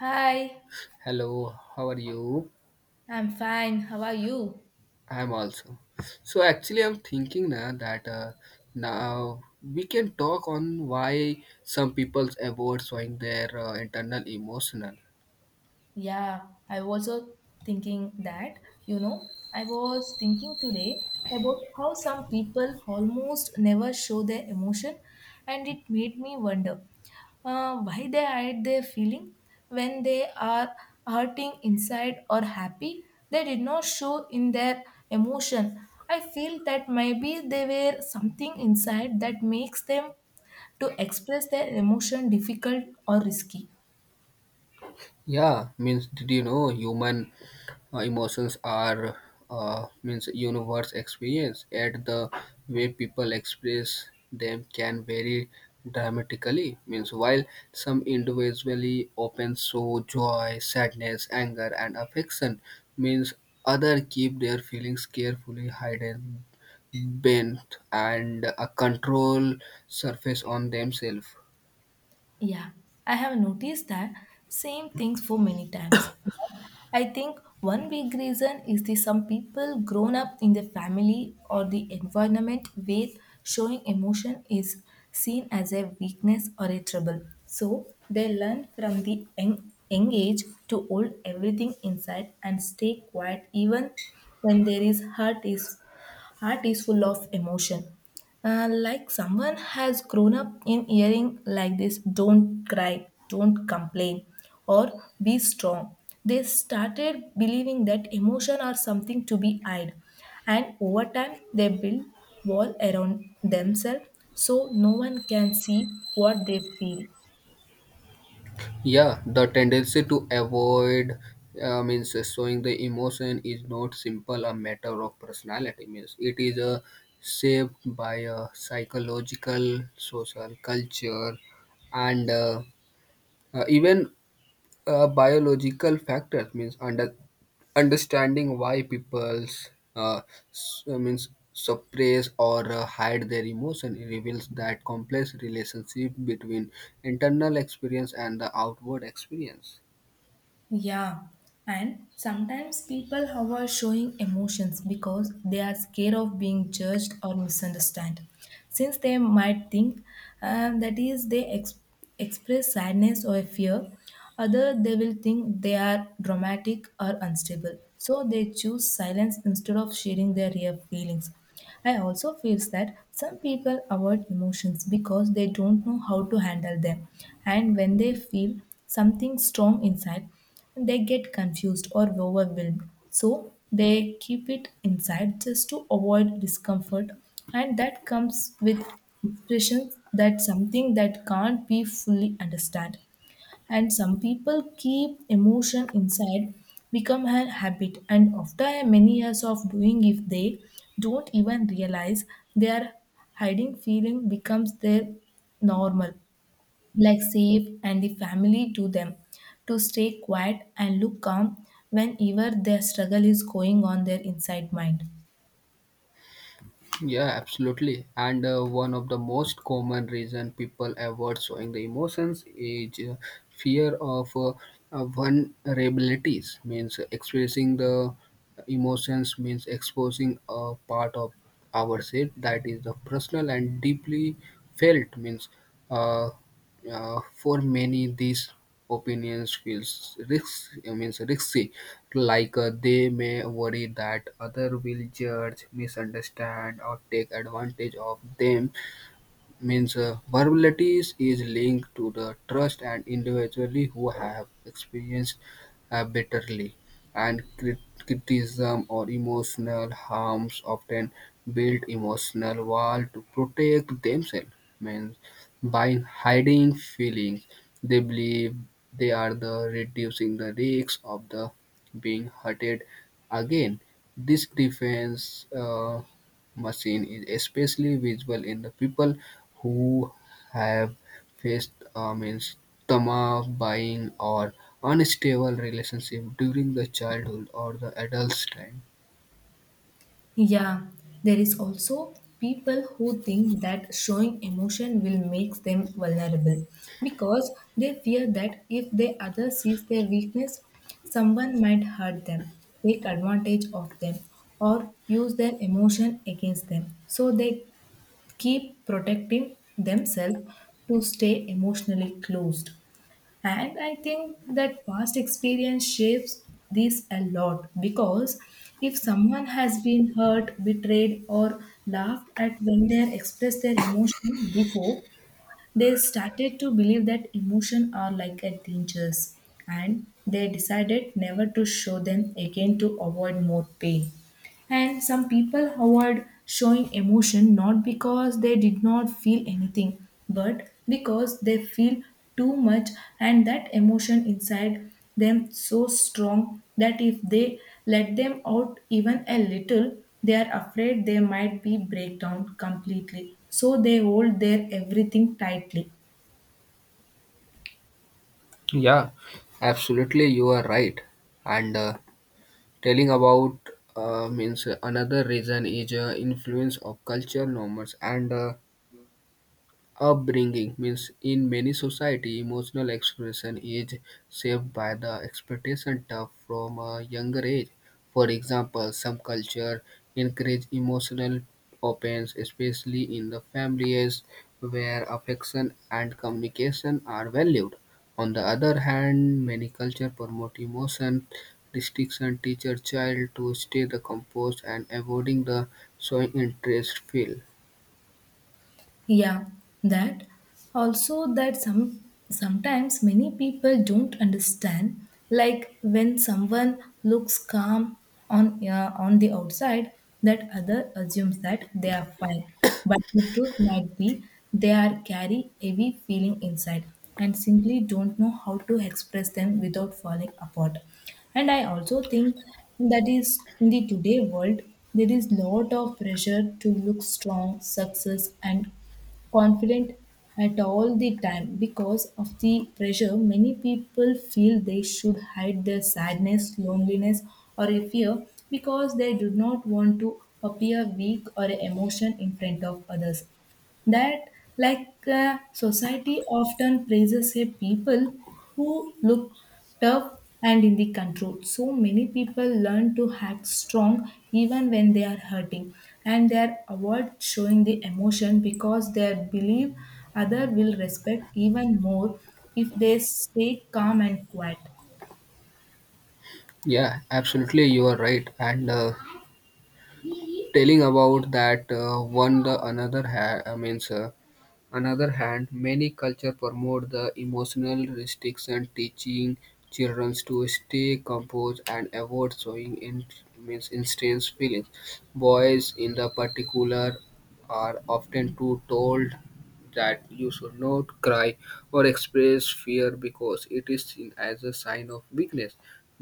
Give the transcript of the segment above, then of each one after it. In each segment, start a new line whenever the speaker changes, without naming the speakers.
Hi,
Hello, how are you?
I'm fine. How are you?
I'm also. So actually, I'm thinking now that now we can talk on why some people avoid showing their internal emotional.
Yeah, I was also thinking that, you know, I was thinking today about how some people almost never show their emotion, and it made me wonder why they hide their feeling when they are hurting inside or happy. They did not show in their emotion. I feel that maybe they were something inside that makes them to express their emotion difficult or risky.
Yeah, means did you know human emotions are means universe experience, yet the way people express them can vary dramatically. Means while some individually open show joy, sadness, anger and affection, means other keep their feelings carefully hidden, bent and a control surface on themselves.
Yeah, I have noticed that same things for many times. I think one big reason is that some people grown up in the family or the environment where showing emotion is seen as a weakness or a trouble. So they learn from the young age to hold everything inside and stay quiet even when there is heart is full of emotion. Like someone has grown up in hearing like this: don't cry, don't complain, or be strong. They started believing that emotion are something to be hid, and over time they build wall around themselves so no one can see what they feel.
Yeah, the tendency to avoid means showing the emotion is not simple a matter of personality. Means it is a shaped by a psychological, social, culture, and even biological factors. Means under understanding why people's uh, means suppress or hide their emotion reveals that complex relationship between internal experience and the outward experience.
Yeah, and sometimes people who are showing emotions because they are scared of being judged or misunderstood. Since they might think that is express sadness or fear, other they will think they are dramatic or unstable. So they choose silence instead of sharing their real feelings. I also feel that some people avoid emotions because they don't know how to handle them. And when they feel something strong inside, they get confused or overwhelmed. So they keep it inside just to avoid discomfort. And that comes with expressions that something that can't be fully understood, and some people keep emotion inside become a habit, and after many years of doing if they don't even realize they are hiding feeling becomes their normal, like safe and the family to them to stay quiet and look calm whenever their struggle is going on their inside mind.
Yeah, absolutely. And one of the most common reason people avoid showing the emotions is fear of vulnerabilities. Means expressing the emotions means exposing a part of ourselves that is the personal and deeply felt. Means uh, for many, these opinions feels risks. I mean, risky. Like they may worry that other will judge, misunderstand, or take advantage of them. Means vulnerability is linked to the trust, and individually who have experienced bitterly and criticism or emotional harms often build emotional wall to protect themselves. Means by hiding feelings they believe they are the reducing the risks of the being hurted again. This defense machine is especially visible in the people who have faced means trauma, buying, or unstable relationship during the childhood or the adult's time.
Yeah, there is also people who think that showing emotion will make them vulnerable because they fear that if the other sees their weakness, someone might hurt them, take advantage of them, or use their emotion against them. So they keep protecting themselves to stay emotionally closed. And I think that past experience shapes this a lot because if someone has been hurt, betrayed, or laughed at when they expressed their emotion before, they started to believe that emotion are like a dangers and they decided never to show them again to avoid more pain. And some people avoid showing emotion not because they did not feel anything, but because they feel too much, and that emotion inside them so strong that if they let them out even a little, they are afraid they might be break down completely. So they hold their everything tightly.
Yeah, absolutely, you are right. And telling about means another reason is influence of culture norms and upbringing. Means in many society emotional expression is shaped by the expectation of from a younger age. For example, some culture encourage emotional opens, especially in the families where affection and communication are valued. On the other hand, many culture promote emotion restriction, teacher child to stay the composed and avoiding the showing interest feel.
Yeah, that also that some sometimes many people don't understand, like when someone looks calm on the outside, that other assumes that they are fine, but the truth might be they are carry heavy feeling inside and simply don't know how to express them without falling apart. And I also think that is in the today world there is lot of pressure to look strong, success, and confident at all the time. Because of the pressure, many people feel they should hide their sadness, loneliness, or a fear because they do not want to appear weak or emotion in front of others. That society often praises a people who look tough and in the control, so many people learn to act strong even when they are hurting, and they are avoid showing the emotion because they believe other will respect even more if they stay calm and quiet.
Yeah, absolutely, you are right. And telling about that one the another ha- I means another hand, many culture promote the emotional restriction, teaching children to stay composed and avoid showing in means intense feelings. Boys, in the particular, are often too told that you should not cry or express fear because it is seen as a sign of weakness.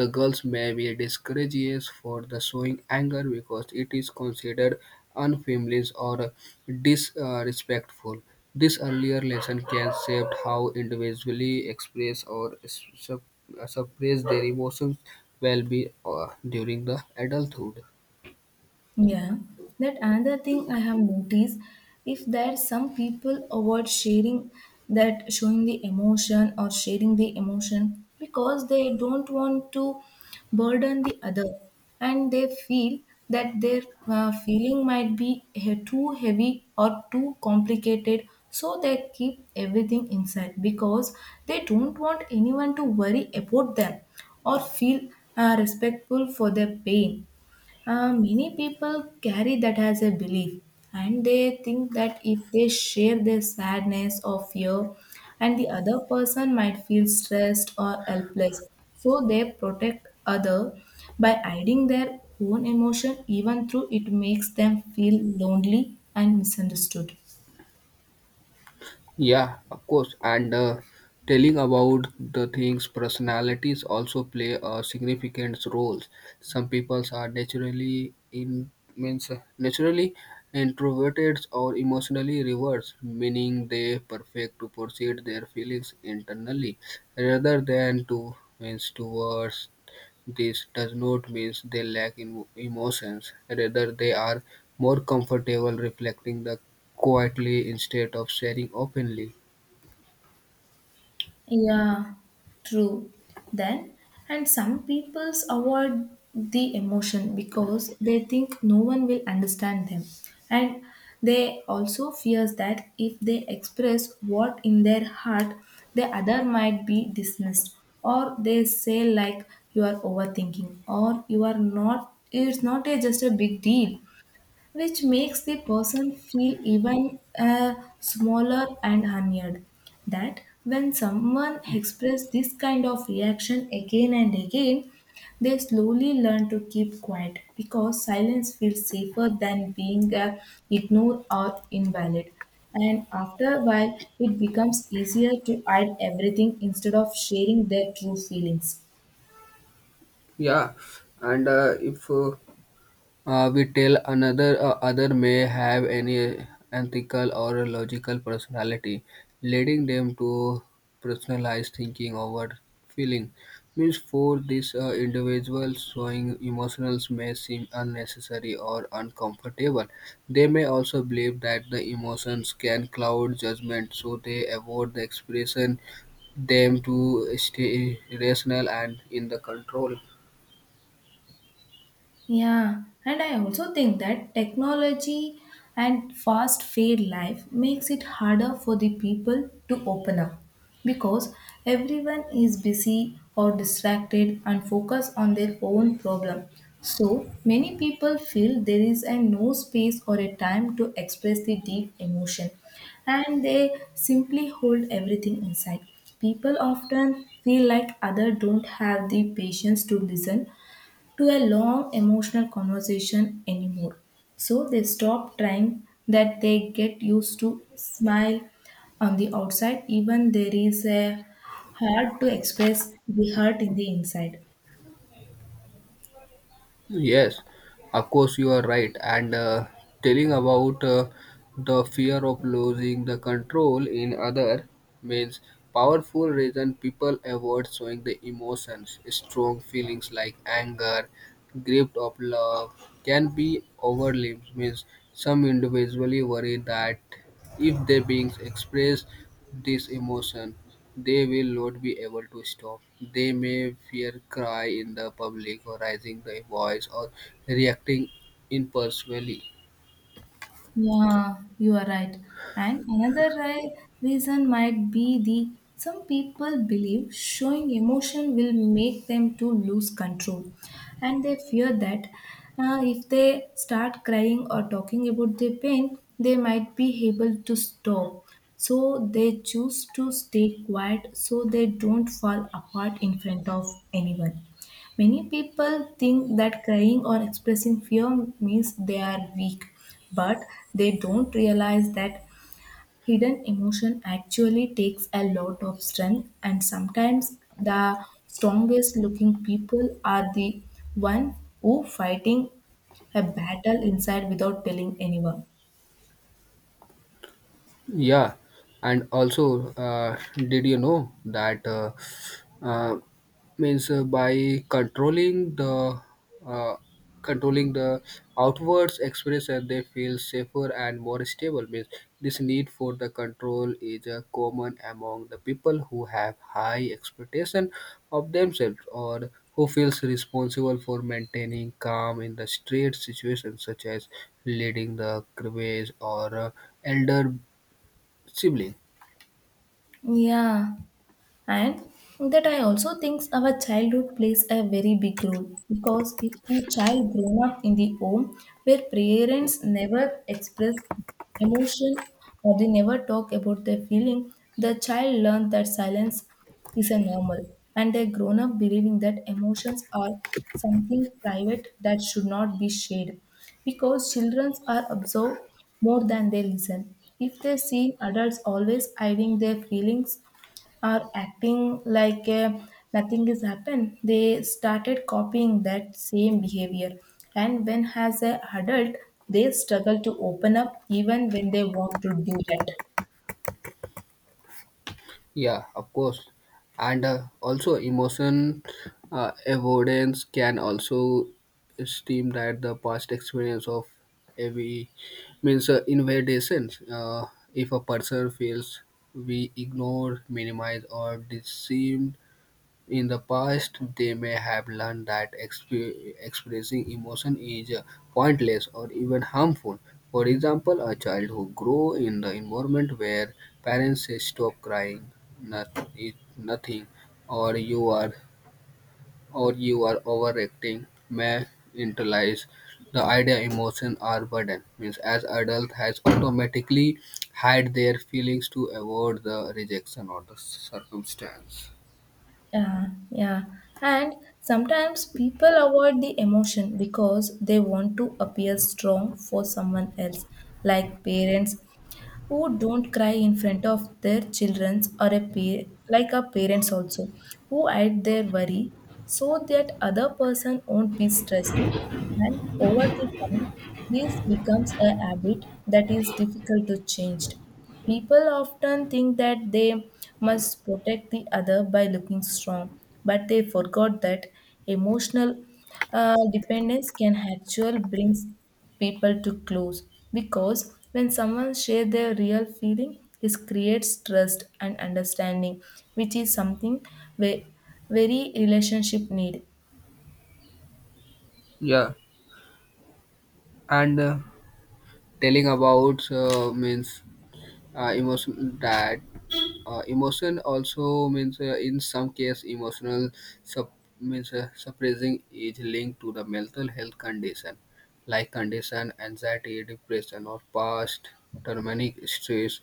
The girls may be discouraged for the showing anger because it is considered unfeminine or disrespectful. This earlier lesson can shape how individually express or sup- suppress their emotions well be during the adulthood.
Yeah, that another thing I have noticed, if there some people avoid sharing that showing the emotion or sharing the emotion because they don't want to burden the other, and they feel that their feeling might be too heavy or too complicated, so they keep everything inside because they don't want anyone to worry about them or feel respectful for their pain. Many people carry that as a belief, and they think that if they share their sadness or fear, and the other person might feel stressed or helpless, so they protect other by hiding their own emotion, even though it makes them feel lonely and misunderstood.
Yeah, of course. And telling about the things, personalities also play a significant role. Some people are naturally in means naturally introverted or emotionally reversed, meaning they perfect to proceed their feelings internally rather than to means towards. This does not mean they lack emotions; rather, they are more comfortable reflecting them quietly instead of sharing openly.
Yeah, true. Then, and some peoples avoid the emotion because they think no one will understand them. And they also fears that if they express what in their heart, the other might be dismissed, or they say like you are overthinking or you are not it's not a, just a big deal, which makes the person feel even smaller and unheard. That when someone expresses this kind of reaction again and again, they slowly learn to keep quiet because silence feels safer than being ignored or invalid. And after a while, it becomes easier to hide everything instead of sharing their true feelings.
Yeah, and if we tell another other may have any ethical or logical personality, leading them to personalized thinking over feeling. Means for these individuals, showing emotions may seem unnecessary or uncomfortable. They may also believe that the emotions can cloud judgment, so they avoid the expression them to stay rational and in the control.
Yeah, and I also think that technology and fast fade life makes it harder for the people to open up because everyone is busy or distracted and focused on their own problem. So many people feel there is a no space or a time to express the deep emotion and they simply hold everything inside. People often feel like others don't have the patience to listen to a long emotional conversation anymore. So they stop trying, that they get used to smile on the outside, even there is a hard to express the hurt in the inside.
Yes, of course you are right. And telling about the fear of losing the control in other means powerful reason people avoid showing the emotions. Strong feelings like anger, gripped of love, can be overwhelmed. Means some individually worry that if they being express this emotion, they will not be able to stop. They may fear cry in the public, or raising their voice, or reacting impulsively.
Yeah, you are right. And another reason might be the some people believe showing emotion will make them to lose control, and they fear that if they start crying or talking about their pain, they might be able to stop. So they choose to stay quiet so they don't fall apart in front of anyone. Many people think that crying or expressing fear means they are weak, but they don't realize that hidden emotion actually takes a lot of strength, and sometimes the strongest looking people are the one who fighting a battle inside without telling anyone.
Yeah, and also, did you know that uh, means by uh, controlling the outwards expression, they feel safer and more stable. Means this need for the control is common among the people who have high expectation of themselves, or who feels responsible for maintaining calm in the straight situations, such as leading the crusades or elder sibling.
Yeah. And that I also think our childhood plays a very big role, because if the child grown up in the home where parents never express emotion or they never talk about their feeling, the child learns that silence is a normal, and they grown up believing that emotions are something private that should not be shared. Because children are absorbed more than they listen, if they see adults always hiding their feelings are acting like nothing has happened, they started copying that same behavior, and when as a adult they struggle to open up even when they want to do that.
Yeah, of course, and also emotion avoidance can also seem that the past experience of every means invalidations. If a person feels we ignore, minimize, or deceive in the past, they may have learned that expressing emotion is pointless or even harmful. For example, a child who grows in the environment where parents say, "Stop crying, it's nothing," or, "You are or you are overreacting," may internalize the idea emotions are burden. Means, as adult has automatically hide their feelings to avoid the rejection or the circumstance.
Yeah, yeah, and sometimes people avoid the emotion because they want to appear strong for someone else, like parents who don't cry in front of their children or a peer, like our parents also, who hide their worry so that other person won't be stressed. And over the time, this becomes a habit that is difficult to change. People often think that they must protect the other by looking strong, but they forgot that emotional dependence can actually bring people to close because when someone shares their real feeling, it creates trust and understanding, which is something ve- very relationship need.
Yeah, and telling about means uh, emotion that emotion also means in some case emotional sup- means suppressing is linked to the mental health condition like condition anxiety, depression, or past traumatic stress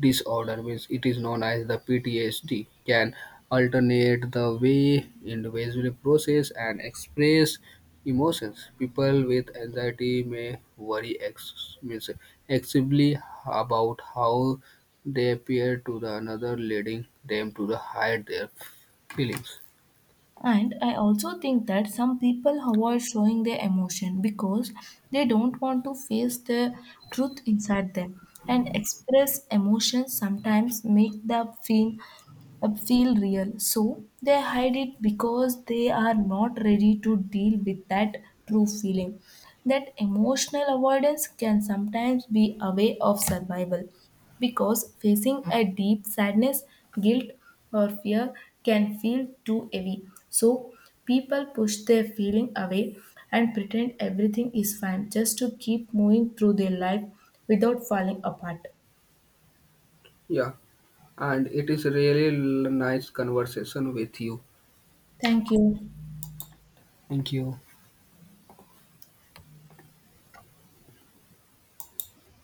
disorder, which it is known as the PTSD, can alternate the way individuals process and express emotions. People with anxiety may worry means excessively about how they appear to the another, leading them to the hide their feelings.
And I also think that some people avoid showing their emotion because they don't want to face the truth inside them. And express emotions sometimes make them feel feel real. So they hide it because they are not ready to deal with that true feeling. That emotional avoidance can sometimes be a way of survival because facing a deep sadness, guilt, or fear can feel too heavy. So people push their feeling away and pretend everything is fine just to keep moving through their life without falling apart.
Yeah, and it is really nice conversation with you.
Thank you.
Thank you.